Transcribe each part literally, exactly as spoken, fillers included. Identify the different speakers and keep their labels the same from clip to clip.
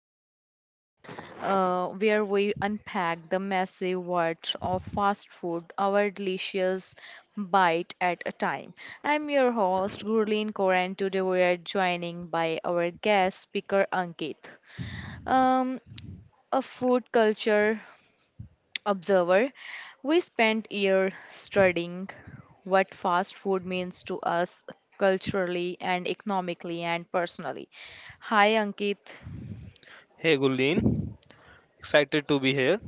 Speaker 1: podcast uh, where we unpack the massive world of fast food, our delicious bite at a time. I'm your host, Gurleen Kaur, and today we are joining by our guest speaker, Ankit. Um, a food culture observer, we spent years studying what fast food means to us culturally and economically and personally. Hi, Ankit.
Speaker 2: Hey Gulleen, excited to be here.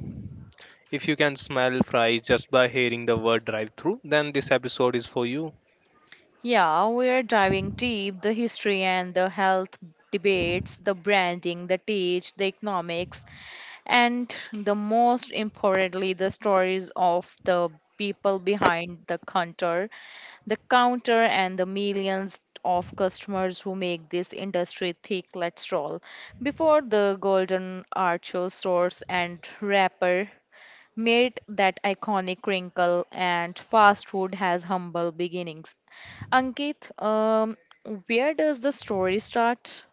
Speaker 2: If you can smell fries just by hearing the word drive through, then this episode is for you.
Speaker 1: Yeah, we're diving deep the history and the health debates, the branding, the teach, the economics, and the most importantly, the stories of the people behind the counter the counter and the millions of customers who make this industry thick. Let's roll before the golden archer source and wrapper made that iconic wrinkle and fast food has humble beginnings. Ankit, um, where does the story start?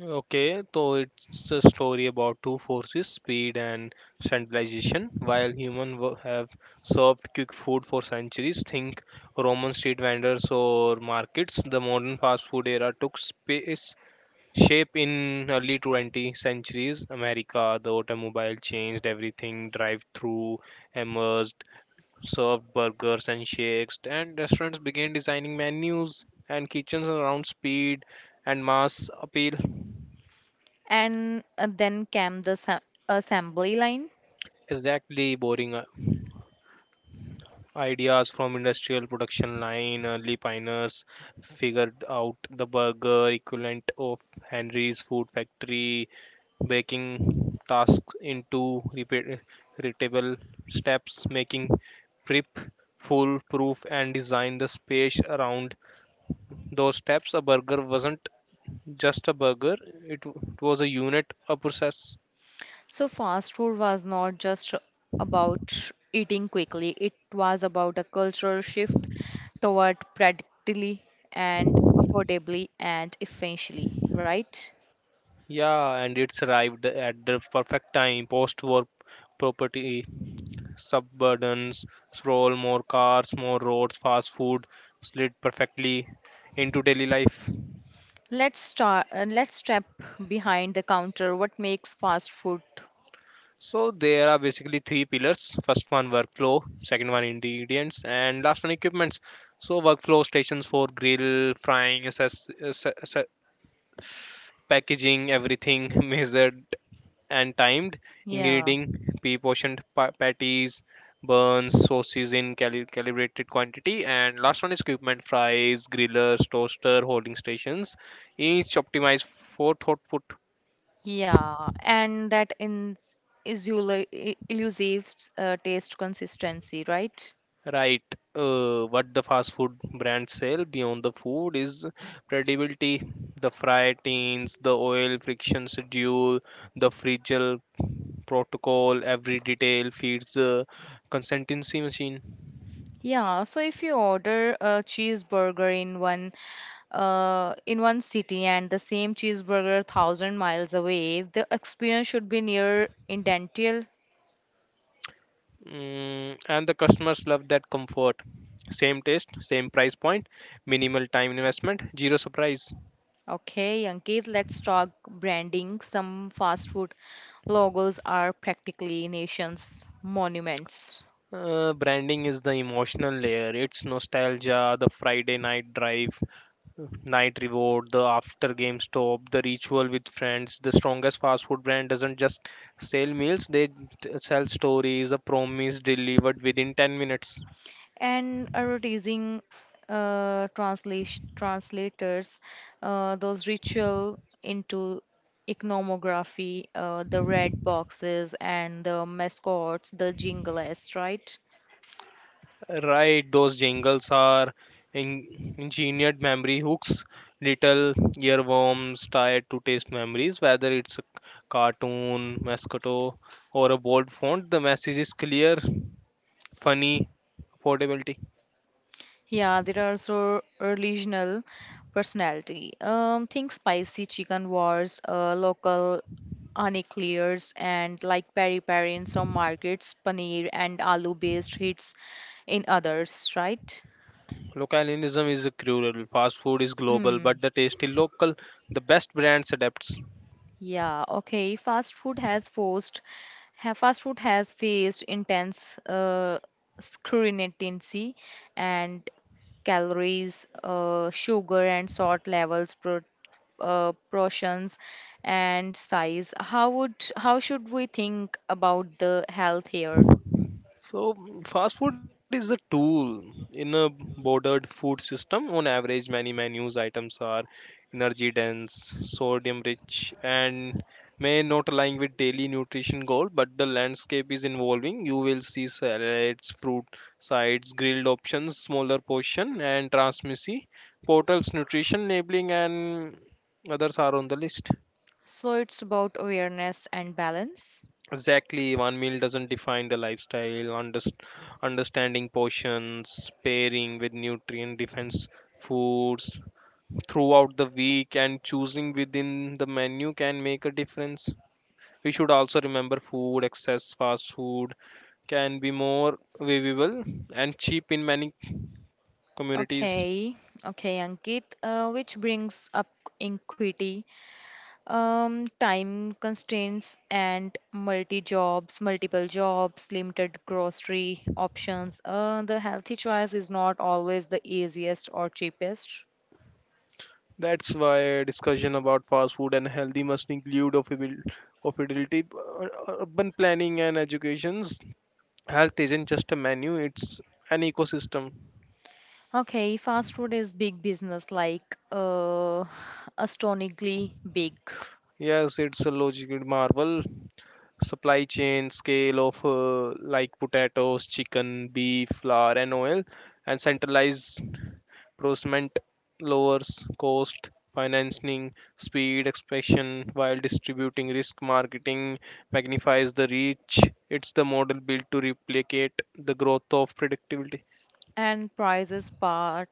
Speaker 2: Okay, so it's a story about two forces, speed and centralization. While humans wo- have served quick food for centuries, think Roman street vendors or markets, the modern fast food era took space shape in early twentieth centuries America. The automobile changed everything. Drive through emerged, served burgers and shakes, and restaurants began designing menus and kitchens around speed and mass appeal.
Speaker 1: And uh, then came the sa- assembly line.
Speaker 2: Exactly, boring uh, ideas from industrial production line. Early pioneers figured out the burger equivalent of Henry's food factory, breaking tasks into repeat- repeatable steps, making prep foolproof and design the space around those steps. A burger wasn't just a burger. It, w- it was a unit, a process.
Speaker 1: So, fast food was not just about eating quickly, it was about a cultural shift toward practically and affordably and efficiently, right?
Speaker 2: Yeah, and it's arrived at the perfect time. Post-war property, suburbans, sprawl, more cars, more roads, fast food slid perfectly into daily life.
Speaker 1: Let's start, uh, let's step behind the counter. What makes fast food?
Speaker 2: So there are basically three pillars. First one workflow, second one ingredients, and last one equipments. So workflow stations for grill, frying, assess, asse- asse- packaging, everything measured and timed,
Speaker 1: Yeah,
Speaker 2: ingredient, pre-portioned pa- patties, buns, sauces in cali- calibrated quantity, and last one is equipment, fries, grillers, toaster, holding stations, each optimized for throughput.
Speaker 1: yeah, and that in is illusive uh, taste consistency, right?
Speaker 2: Right. Uh, what the fast food brands sell beyond the food is credibility, the fry teens, the oil friction schedule, the fragile protocol, every detail feeds the consistency machine.
Speaker 1: Yeah, so if you order a cheeseburger in one uh, in one city and the same cheeseburger thousand miles away, the experience should be near identical.
Speaker 2: Mm, and the customers love that comfort. Same taste, same price point, minimal time investment, zero surprise.
Speaker 1: Okay, Ankit, let's talk branding. Some fast food logos are practically nation's monuments.
Speaker 2: Uh, branding is the emotional layer. It's nostalgia, the Friday night drive, night reward, the after game stop, the ritual with friends. The strongest fast food brand doesn't just sell meals, they t- sell stories, a promise delivered within ten minutes.
Speaker 1: And advertising uh, translation translators, uh, those ritual into iconography, uh, the red boxes and the mascots, the jingles, right?
Speaker 2: Right, those jingles are in- engineered memory hooks, little earworms tied to taste memories, whether it's a cartoon, mascot, or a bold font. The message is clear, funny, affordability.
Speaker 1: Yeah, there are also regional personality, um think spicy chicken wars, uh, local unclears, and like peri peri in some markets, paneer and aloo based hits in others, right?
Speaker 2: Localism is cruel. Fast food is global,
Speaker 1: Hmm.
Speaker 2: but the taste is local. The best brands adapts.
Speaker 1: Yeah, okay. Fast food has forced, ha, fast food has faced intense uh, scrutiny and calories, uh, sugar and salt levels, pro, uh, portions, and size. How would how should we think about the health here?
Speaker 2: So mm, fast food is a tool in a bordered food system. On average, many menus items are energy dense, sodium rich, and may not align with daily nutrition goal. But the landscape is evolving. You will see salads, fruit sides, grilled options, smaller portion, and transmissy portals, nutrition labeling, and others are on the list.
Speaker 1: So it's about awareness and balance.
Speaker 2: Exactly, one meal doesn't define the lifestyle. Underst- understanding portions, pairing with nutrient dense foods throughout the week, and choosing within the menu can make a difference. We should also remember food, excess fast food can be more available and cheap in many communities.
Speaker 1: Okay, okay, Ankit, uh, which brings up equity, um, time constraints, and multi jobs, multiple jobs, limited grocery options. Uh, the healthy choice is not always the easiest or cheapest.
Speaker 2: That's why discussion about fast food and healthy must include affordability, uh, urban planning, and educations. Health isn't just a menu, it's an ecosystem.
Speaker 1: Okay, fast food is big business, like, uh, astonishingly big.
Speaker 2: Yes, it's a logical marvel. Supply chain scale of uh, like potatoes, chicken, beef, flour, and oil, and centralized procurement lowers cost, financing, speed, expansion, while distributing risk. Marketing magnifies the reach. It's the model built to replicate the growth of predictability.
Speaker 1: And prices part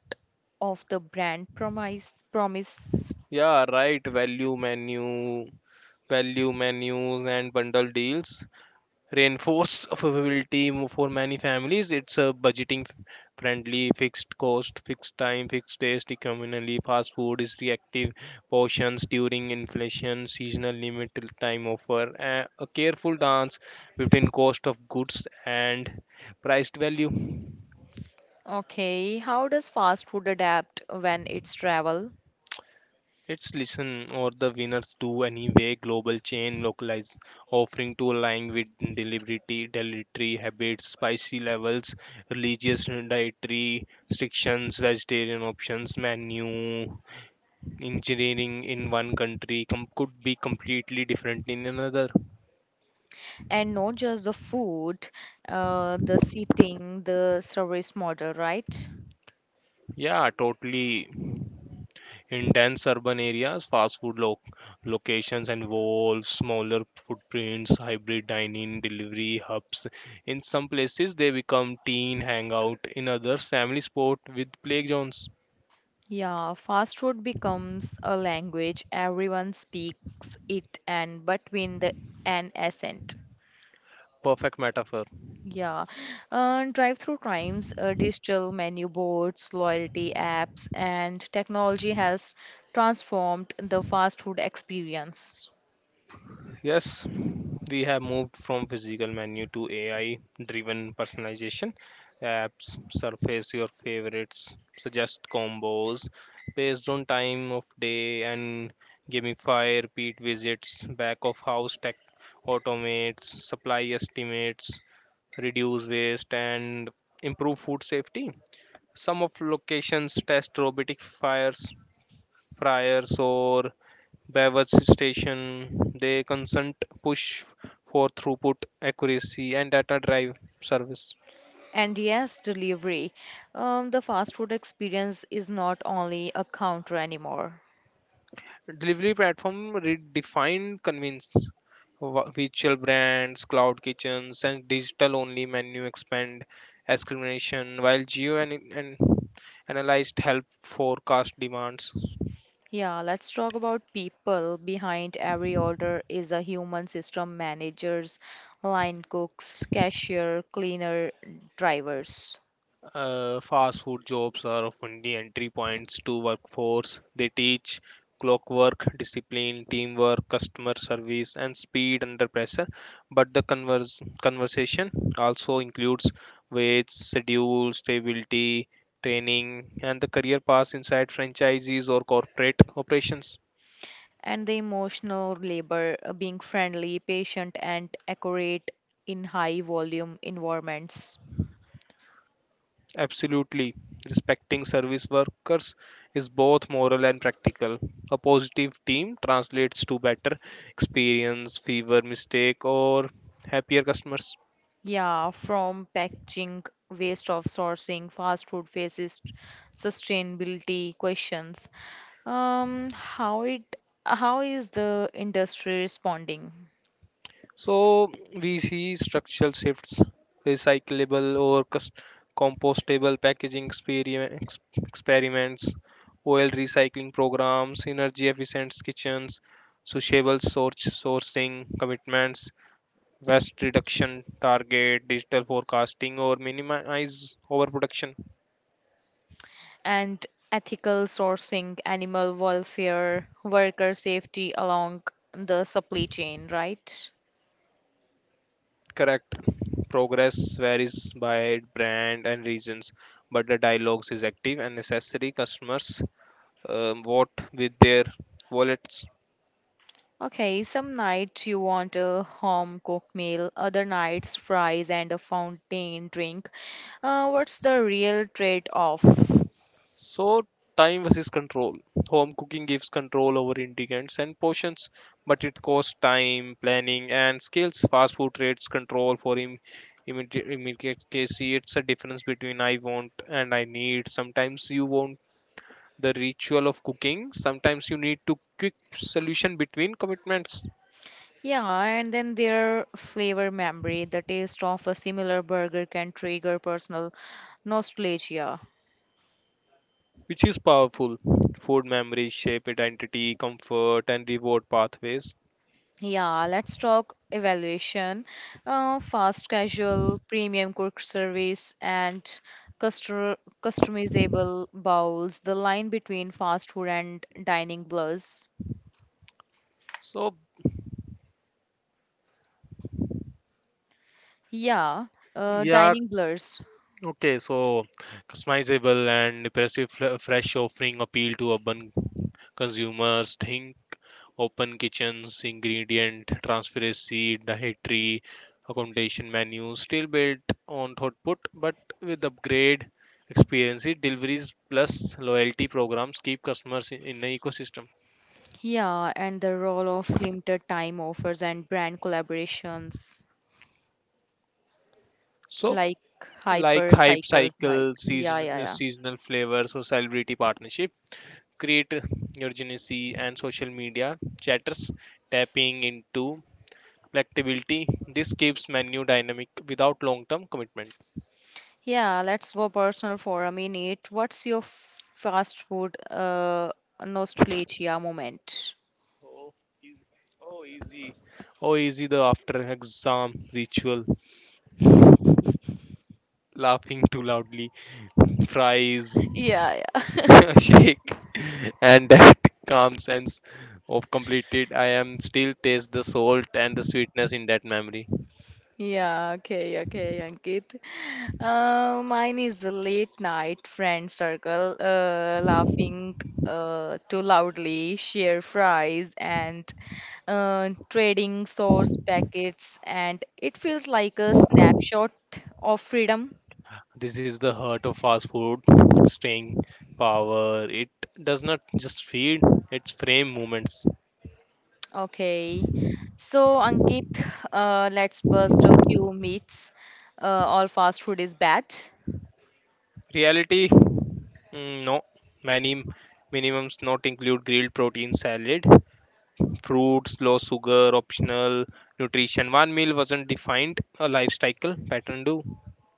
Speaker 1: of the brand promise. Promise.
Speaker 2: Yeah, right. Value menu value menus and bundle deals reinforce affordability for many families. It's a budgeting friendly, fixed cost, fixed time, fixed taste, communally. Fast food is reactive portions during inflation, seasonal limited time offer, a a careful dance between cost of goods and priced value.
Speaker 1: Okay, how does fast food adapt when it's travel?
Speaker 2: It's listen or the winners do anyway, global chain localized offering to align with delivery dietary habits, spicy levels, religious dietary restrictions, vegetarian options, menu engineering in one country com- could be completely different in another.
Speaker 1: And not just the food, uh, the seating, the service model, right?
Speaker 2: Yeah, totally. In dense urban areas, fast food lo- locations involve smaller footprints, hybrid dining, delivery hubs. In some places, they become teen hangout. In others, family sport with playgrounds.
Speaker 1: Yeah, fast food becomes a language. Everyone speaks it and between the an accent.
Speaker 2: Perfect metaphor.
Speaker 1: Yeah, uh, drive-through times, uh, digital menu boards, loyalty apps, and technology has transformed the fast food experience.
Speaker 2: Yes, we have moved from physical menu to A I driven personalization. Apps surface your favorites, suggest combos based on time of day, and gamify repeat visits, back of house tech automates, supply estimates, reduce waste, and improve food safety. Some of locations test robotic fires, fryers, or beverage station. They consent push for throughput, accuracy, and data drive service.
Speaker 1: And yes, delivery. Um, the fast food experience is not only a counter anymore.
Speaker 2: Delivery platform redefined convenience. Wh- Virtual brands, cloud kitchens, and digital only menu expand discrimination, while geo and, and analyzed help forecast demands.
Speaker 1: Yeah, let's talk about people. Behind every order is a human system: managers, line cooks, cashier, cleaner, drivers.
Speaker 2: Uh, fast food jobs are often the entry points to workforce. They teach clockwork, discipline, teamwork, customer service, and speed under pressure. But the converse, conversation also includes wage, schedule, stability, training, and the career paths inside franchises or corporate operations.
Speaker 1: And the emotional labor, uh, being friendly, patient, and accurate in high volume environments.
Speaker 2: Absolutely. Respecting service workers is both moral and practical. A positive team translates to better experience, fewer mistake or happier customers.
Speaker 1: Yeah, from packaging, waste of sourcing, fast food faces sustainability questions. Um, how it how is the industry responding?
Speaker 2: So we see structural shifts, recyclable or cus- compostable packaging experiment, ex- experiments, oil recycling programs, energy efficient kitchens, sociable source sourcing commitments, waste reduction target, digital forecasting, or minimize overproduction.
Speaker 1: And ethical sourcing, animal welfare, worker safety along the supply chain, right?
Speaker 2: Correct. Progress varies by brand and regions, but the dialogues is active and necessary. Customers um, vote with their wallets.
Speaker 1: Okay, some nights you want a home cooked meal, other nights fries and a fountain drink. Uh, what's the real trade-off?
Speaker 2: So, time versus control. Home cooking gives control over ingredients and portions, but it costs time, planning, and skills. Fast food trades control for im- immediate immediacy. It's a difference between I want and I need. Sometimes you want the ritual of cooking, sometimes you need to quick solution between commitments,
Speaker 1: Yeah, and then their flavor memory, the taste of a similar burger can trigger personal nostalgia.
Speaker 2: which is powerful. Food memories shape identity, comfort, and reward pathways.
Speaker 1: Yeah, let's talk evaluation. Uh, fast casual, premium cook service, and custor- customizable bowls. The line between fast food and dining blurs.
Speaker 2: So,
Speaker 1: Yeah, uh,
Speaker 2: yeah,
Speaker 1: dining blurs.
Speaker 2: okay, so customizable and impressive fre- fresh offering appeal to urban consumers. Think open kitchens, ingredient transparency, dietary accommodation menus, still built on output, but with upgrade experiences, deliveries plus loyalty programs keep customers in, in the ecosystem.
Speaker 1: Yeah, and the role of limited time offers and brand collaborations.
Speaker 2: So,
Speaker 1: Like
Speaker 2: like
Speaker 1: hyper
Speaker 2: hype
Speaker 1: cycles, like,
Speaker 2: cycle,
Speaker 1: yeah,
Speaker 2: season,
Speaker 1: yeah,
Speaker 2: uh,
Speaker 1: yeah.
Speaker 2: seasonal flavors, or celebrity partnership create urgency and social media chatters tapping into flexibility. This keeps menu dynamic without long-term commitment.
Speaker 1: Yeah, let's go personal for a minute. What's your fast food uh nostalgia moment?
Speaker 2: Oh, easy. Oh, easy. Oh, easy. The after exam ritual. Laughing too loudly. Fries.
Speaker 1: Yeah, yeah.
Speaker 2: Shake. And that calm sense of completed. I am still taste the salt and the sweetness in that memory.
Speaker 1: Yeah, okay okay Ankit, uh mine is the late night friend circle, uh laughing uh too loudly, share fries, and uh trading sauce packets, and it feels like a snapshot of freedom.
Speaker 2: This is the heart of fast food, staying power. It does not just feed, it's frame movements.
Speaker 1: Okay. So, Ankit, uh, let's bust a few myths. Uh, all fast food is bad.
Speaker 2: Reality, mm, no. Many minimums not include grilled protein salad, fruits, low sugar, optional nutrition. One meal wasn't defined, a lifestyle pattern do.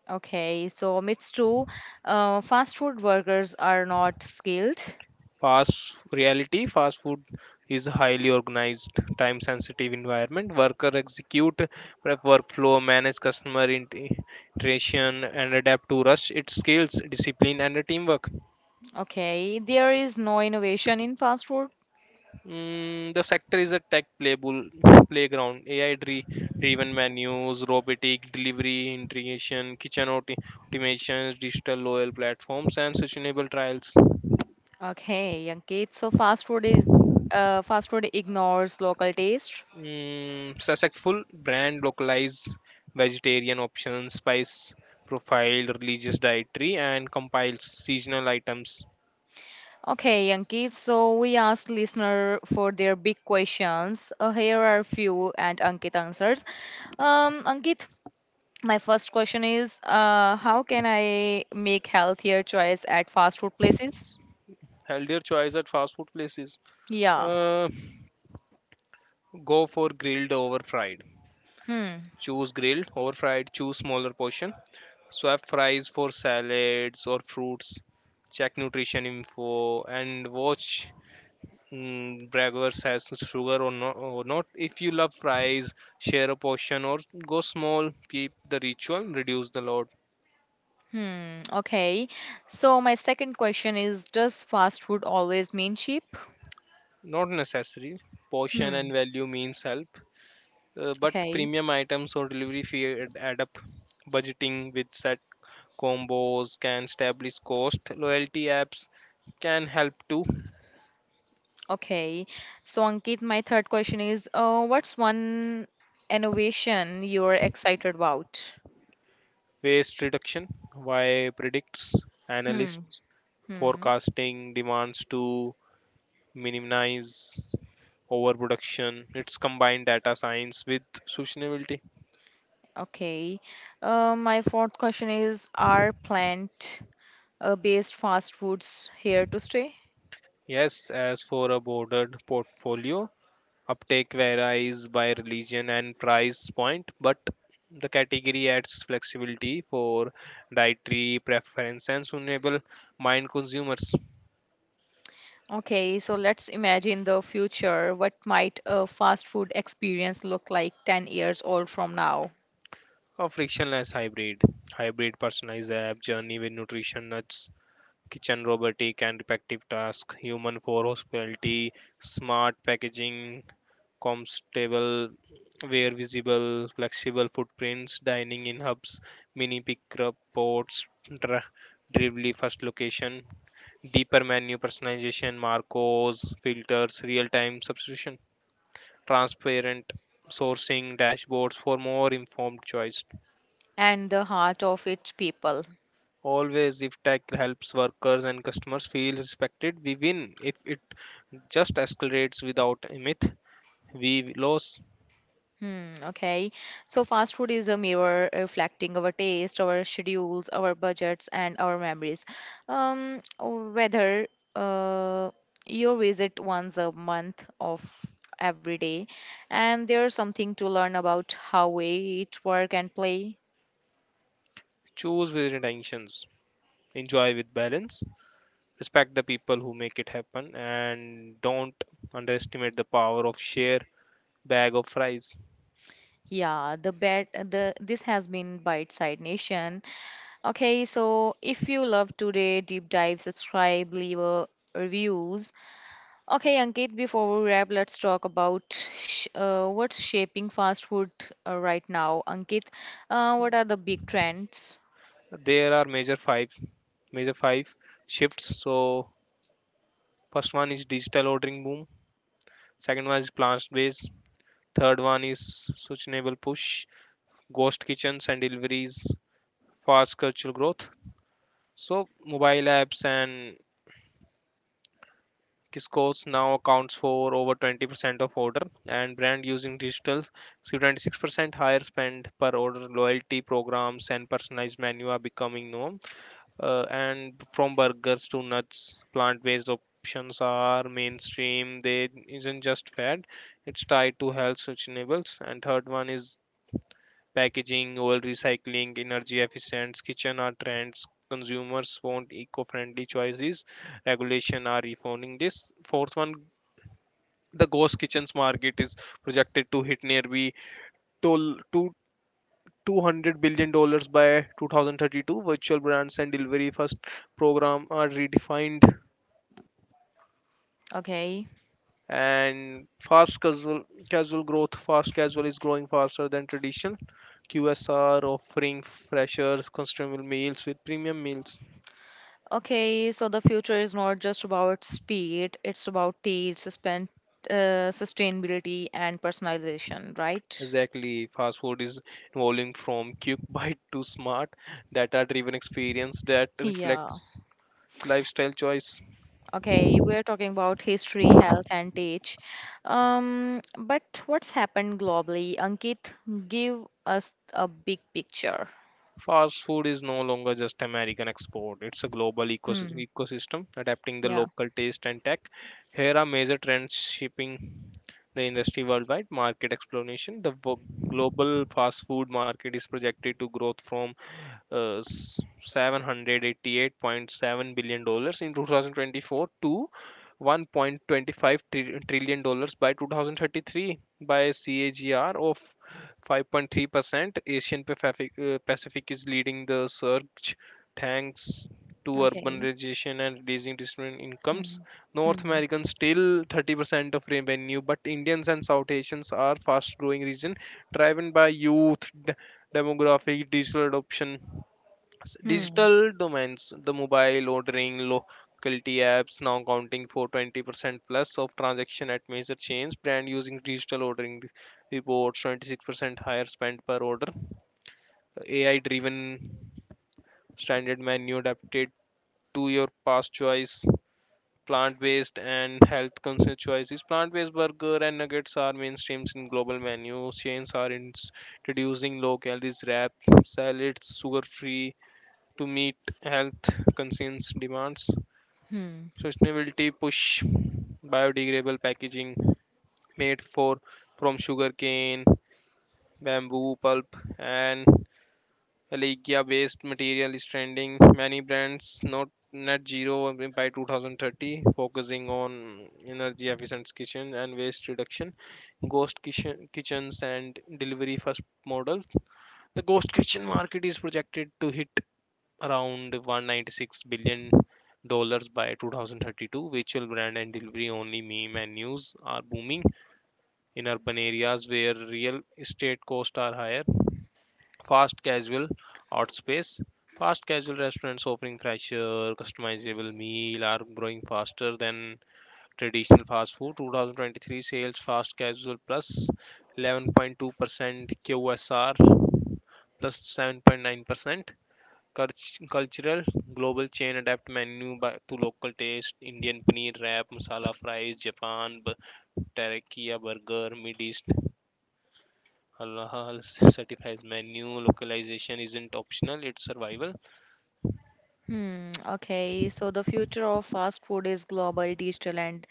Speaker 1: Okay. So, myths two, uh, fast food workers are not skilled.
Speaker 2: Fast reality, fast food is a highly organized, time sensitive environment. Worker execute prep workflow, manage customer int- interaction, and adapt to rush. It skills, discipline, and teamwork.
Speaker 1: Okay. There is no innovation in fast food.
Speaker 2: Mm, the sector is a tech playable playground. A I dri- driven menus, robotic delivery integration, kitchen auto- automations, digital loyal platforms, and sustainable trials.
Speaker 1: Okay, Ankit. So, fast food is uh, fast food ignores local taste.
Speaker 2: Mm, successful brand localize vegetarian options, spice profile, religious dietary, and compiles seasonal items.
Speaker 1: Okay, Ankit. So, we asked listener for their big questions. Uh, here are a few, and Ankit answers. Um, Ankit, my first question is, uh, how can I make healthier choice at fast food places?
Speaker 2: Healthier choice at fast food places.
Speaker 1: Yeah.
Speaker 2: Uh, go for grilled over fried.
Speaker 1: Hmm.
Speaker 2: Choose grilled over fried. Choose smaller portion. Swap fries for salads or fruits. Check nutrition info and watch mm, braggers has sugar or, no, or not. If you love fries, share a portion or go small, keep the ritual, reduce the load.
Speaker 1: Hmm. Okay. So my second question is, does fast food always mean cheap?
Speaker 2: Not necessary. Portion
Speaker 1: Hmm.
Speaker 2: and value means help. Uh, but
Speaker 1: Okay.
Speaker 2: premium items or delivery fee add add up. Budgeting with set combos can establish cost. Loyalty apps can help to
Speaker 1: Okay. So Ankit, my third question is, uh, what's one innovation you're excited about?
Speaker 2: waste reduction. Why predicts
Speaker 1: Hmm.
Speaker 2: analysts
Speaker 1: Hmm.
Speaker 2: forecasting demands to minimize overproduction. It's combined data science with sustainability.
Speaker 1: Okay. Uh, my fourth question is, are plant-based fast foods here to stay?
Speaker 2: Yes, as for a bordered portfolio, uptake varies by religion and price point, but the category adds flexibility for dietary preference and suitable mind consumers.
Speaker 1: Okay, so let's imagine the future. What might a fast food experience look like ten years old from now?
Speaker 2: A frictionless hybrid, hybrid personalized app, journey with nutrition nuts, kitchen robotic and repetitive task, human for hospitality, smart packaging, comfortable, wear visible, flexible footprints, dining in hubs, mini pickup ports, dri- delivery first location, deeper menu personalization, marcos, filters, real time substitution, transparent sourcing dashboards for more informed choice.
Speaker 1: And the heart of it, people.
Speaker 2: Always, if tech helps workers and customers feel respected, we win. If it just escalates without a myth, we lose.
Speaker 1: Hmm, okay. So fast food is a mirror reflecting our taste, our schedules, our budgets, and our memories. Um, whether uh, you visit once a month of every day, and there's something to learn about how we eat, work, and play.
Speaker 2: Choose with intentions, enjoy with balance, respect the people who make it happen and don't underestimate the power of share bag of fries.
Speaker 1: Yeah, the bet the this has been Bite Side Nation. Okay, so if you love today, deep dive, subscribe, leave a reviews. Okay, Ankit, before we wrap, let's talk about sh- uh, what's shaping fast food uh, right now. Ankit, uh, what are the big trends?
Speaker 2: There are major five major five shifts. So first one is digital ordering boom, second one is plant based, third one is sustainable push, ghost kitchens and deliveries, fast cultural growth. So mobile apps and Kiscos now accounts for over twenty percent of order, and brand using digital see twenty-six percent higher spend per order. Loyalty programs and personalized menu are becoming norm. Uh, and from burgers to nuts, plant-based options are mainstream. They isn't just fad; it's tied to health sustainables. And third one is packaging, oil recycling, energy efficient kitchen are trends. Consumers want eco-friendly choices regulation are reforming this. Fourth one, the ghost kitchens market is projected to hit nearly tol- to two hundred billion dollars by two thousand thirty-two. Virtual brands and delivery first program are redefined
Speaker 1: Okay.
Speaker 2: and fast casual casual growth. Fast casual is growing faster than traditional Q S R offering freshers consumable meals with premium meals.
Speaker 1: Okay, so the future is not just about speed, it's about taste, suspen- uh, sustainability, and personalization, right?
Speaker 2: Exactly, fast food is evolving from quick bite to smart data driven experience that
Speaker 1: Yeah.
Speaker 2: reflects lifestyle choice.
Speaker 1: Okay, we're talking about history, health, and teach. Um, but what's happened globally? Ankit, give us a big picture.
Speaker 2: Fast food is no longer just American export. It's a global ecos-
Speaker 1: Hmm.
Speaker 2: ecosystem adapting the
Speaker 1: Yeah.
Speaker 2: local taste and tech. Here are major trends shaping the industry worldwide. Market explanation. The wo- global fast food market is projected to grow from uh, s- seven hundred eighty-eight point seven billion dollars in two thousand twenty-four to one point two five tri- trillion dollars by two thousand thirty-three by a C A G R of five point three percent. Asian Pacific, uh, Pacific is leading the surge thanks to
Speaker 1: Okay.
Speaker 2: urbanization and raising disparate incomes.
Speaker 1: Hmm.
Speaker 2: North
Speaker 1: Hmm.
Speaker 2: Americans still thirty percent of revenue, but Indians and South Asians are fast growing region driven by youth, d- demographic, digital adoption s-
Speaker 1: Hmm.
Speaker 2: digital domains. The mobile ordering locality apps now accounting for twenty percent plus of transaction at major chains brand using digital ordering re- reports twenty-six percent higher spend per order. AI driven standard menu adapted to your past choice. Plant based and health conscious choices, plant based burger and nuggets are mainstreams in global menus. Chains are ins- introducing low calories wrap, salads, sugar free to meet health concerns demands.
Speaker 1: Hmm.
Speaker 2: Sustainability push, biodegradable packaging made for from sugarcane, bamboo pulp, and Allegia-based material is trending. Many brands not net zero by two thousand thirty, focusing on energy efficient kitchen and waste reduction, ghost kitchen, kitchens and delivery first models. The ghost kitchen market is projected to hit around one hundred ninety-six billion dollars by two thousand thirty-two. Virtual brand and delivery only meme and news are booming in urban areas where real estate costs are higher. fast casual outspace Fast casual restaurants offering fresher customizable meal are growing faster than traditional fast food. two thousand twenty-three sales, fast casual eleven point two percent, qsr seven point nine percent. Cult- cultural, global chain adapt menu by, to local taste, indian paneer wrap, masala fries, japan b- teriyaki burger, mid east halal certifies menu, localization isn't optional, it's survival.
Speaker 1: Hmm. Okay. So the future of fast food is global, digital, and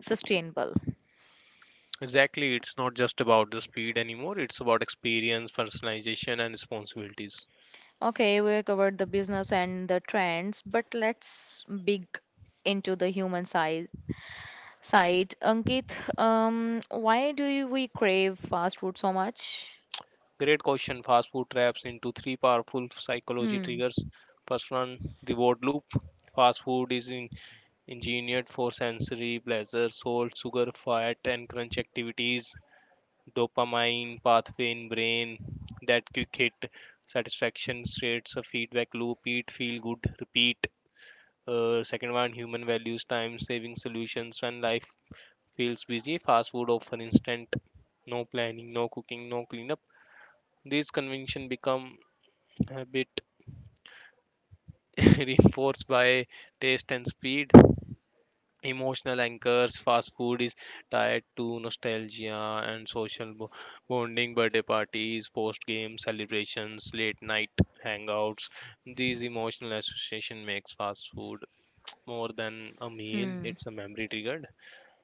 Speaker 1: sustainable.
Speaker 2: Exactly, it's not just about the speed anymore, it's about experience, personalization, and responsibilities.
Speaker 1: Okay, we covered the business and the trends, but let's big into the human side side. Ankit, um, why do you, we crave fast food so much?
Speaker 2: Great question. Fast food traps into three powerful psychology
Speaker 1: Hmm,
Speaker 2: triggers. First one, reward loop. Fast food is in engineered for sensory pleasure. Salt, sugar, fat, and crunch activities dopamine pathway in brain. That quick hit satisfaction creates a feedback loop, eat, feel good, repeat. Uh, second one, human values, time saving solutions. When life feels busy, fast food offer instant, no planning, no cooking, no cleanup. These conventions become habit, reinforced by taste and speed. Emotional anchors, fast food is tied to nostalgia and social bo- bonding, birthday parties, post game celebrations, late night hangouts. These emotional association makes fast food more than a meal,
Speaker 1: hmm.
Speaker 2: it's a memory triggered.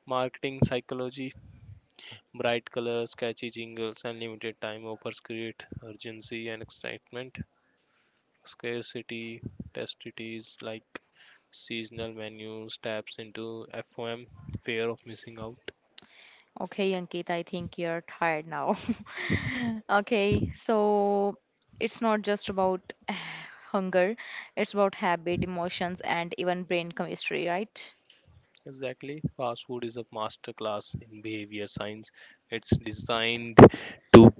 Speaker 2: Marketing psychology, bright colors, catchy jingles, and limited time offers create urgency and excitement. Scarcity, testities like seasonal menus taps into F O M, fear of missing out.
Speaker 1: Okay, Ankit, I think you're tired now. Okay, so it's not just about hunger, it's about habit, emotions, and even brain chemistry, right?
Speaker 2: Exactly. Fast food is a masterclass in behavior science. It's designed to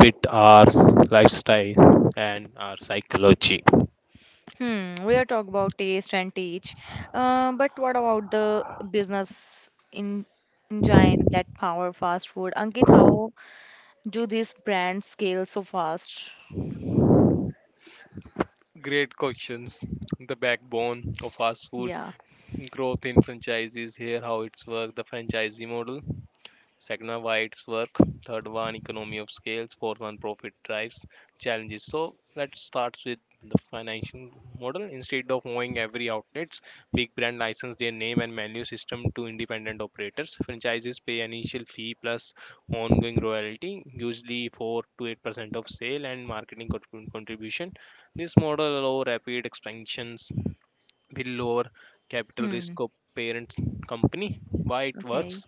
Speaker 2: fit our lifestyle and our psychology.
Speaker 1: Hmm, we are talking about taste and teach, uh, but what about the business in engine that power fast food? Ankit, how do these brands scale so fast?
Speaker 2: Great questions. The backbone of fast food
Speaker 1: Yeah.
Speaker 2: growth in franchises. Here, how it's worked, the franchisee model. Second one, why it's work. Third one, economy of scales. Fourth one, profit drives, challenges. So let's start with the financial model. Instead of owning every outlets, big brand license their name and menu system to independent operators. Franchises pay initial fee plus ongoing royalty, usually four to eight percent of sale and marketing contribution. This model allow rapid expansions will lower capital
Speaker 1: Hmm.
Speaker 2: risk of parent company. Why it works,
Speaker 1: Okay.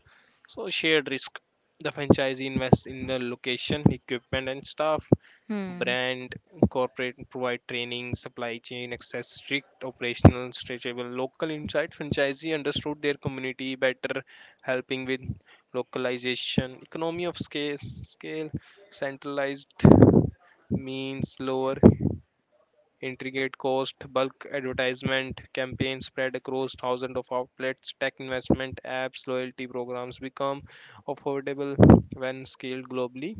Speaker 2: so shared risk, the franchisee invests in the location, equipment, and staff.
Speaker 1: Hmm.
Speaker 2: Brand corporate provide training, supply chain access, strict operational stretchable, local insight, franchisee understood their community better helping with localization. Economy of scale, scale centralized means lower intricate cost, bulk advertisement, campaigns spread across thousands of outlets, tech investment, apps, loyalty programs become affordable when scaled globally.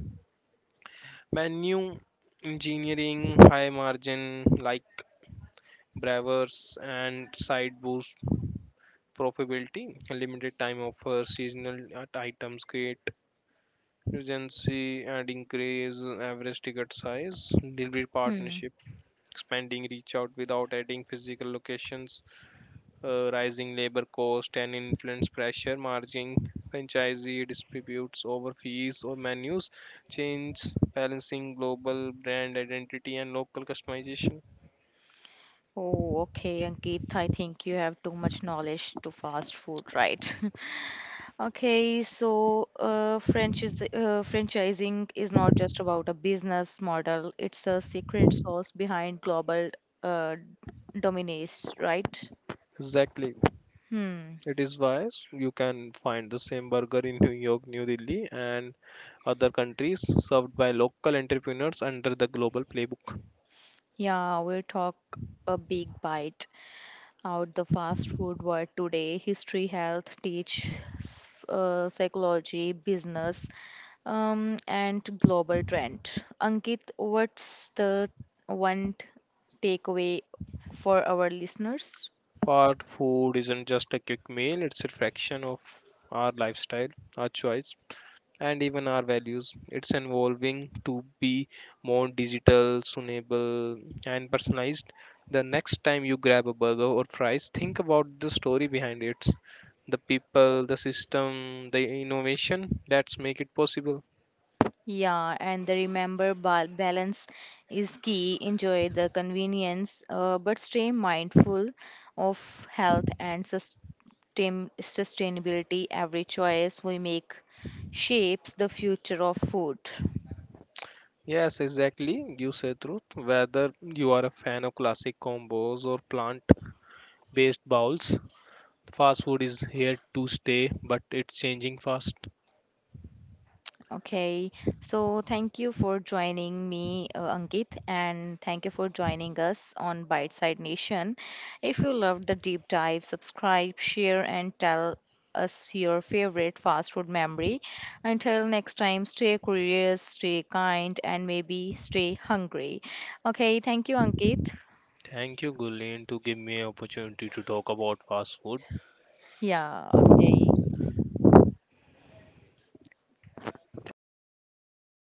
Speaker 2: Menu engineering, high margin like brewers and side boost profitability, limited time offers, seasonal uh, items create urgency and increase average ticket size, delivery
Speaker 1: Hmm.
Speaker 2: partnership, expanding reach out without adding physical locations, uh, rising labor cost and influence pressure, margin franchisee disputes over fees or menus, change balancing global brand identity and local customization.
Speaker 1: Oh, okay, Ankit. I think you have too much knowledge to fast food, right? Okay, so uh, franchise uh, franchising is not just about a business model. It's a secret sauce behind global, uh, dominance, right?
Speaker 2: Exactly.
Speaker 1: Hmm.
Speaker 2: It is why you can find the same burger in New York, New Delhi, and other countries served by local entrepreneurs under the global playbook.
Speaker 1: Yeah, we'll talk a big bite out the fast food world today. History, health, teach, s- uh, psychology, business, um, and global trend. Ankit, what's the one t- takeaway for our listeners?
Speaker 2: Part food isn't just a quick meal, it's a reflection of our lifestyle, our choice, and even our values. It's evolving to be more digital, sustainable, and personalized. The next time you grab a burger or fries, think about the story behind it, the people, the system, the innovation that's make it possible.
Speaker 1: Yeah, and the remember bal- balance is key. Enjoy the convenience, uh, but stay mindful of health and sustain- sustainability. Every choice we make shapes the future of food.
Speaker 2: Yes, exactly. You say truth. Whether you are a fan of classic combos or plant-based bowls, fast food is here to stay, but it's changing fast.
Speaker 1: Okay, so thank you for joining me, uh, Ankit, and thank you for joining us on Bite Side Nation. If you loved the deep dive, subscribe, share, and tell us your favorite fast food memory. Until next time, stay curious, stay kind, and maybe stay hungry. Okay, thank you, Ankit.
Speaker 2: Thank you, Gulen, to give me an opportunity to talk about fast food.
Speaker 1: Yeah, okay.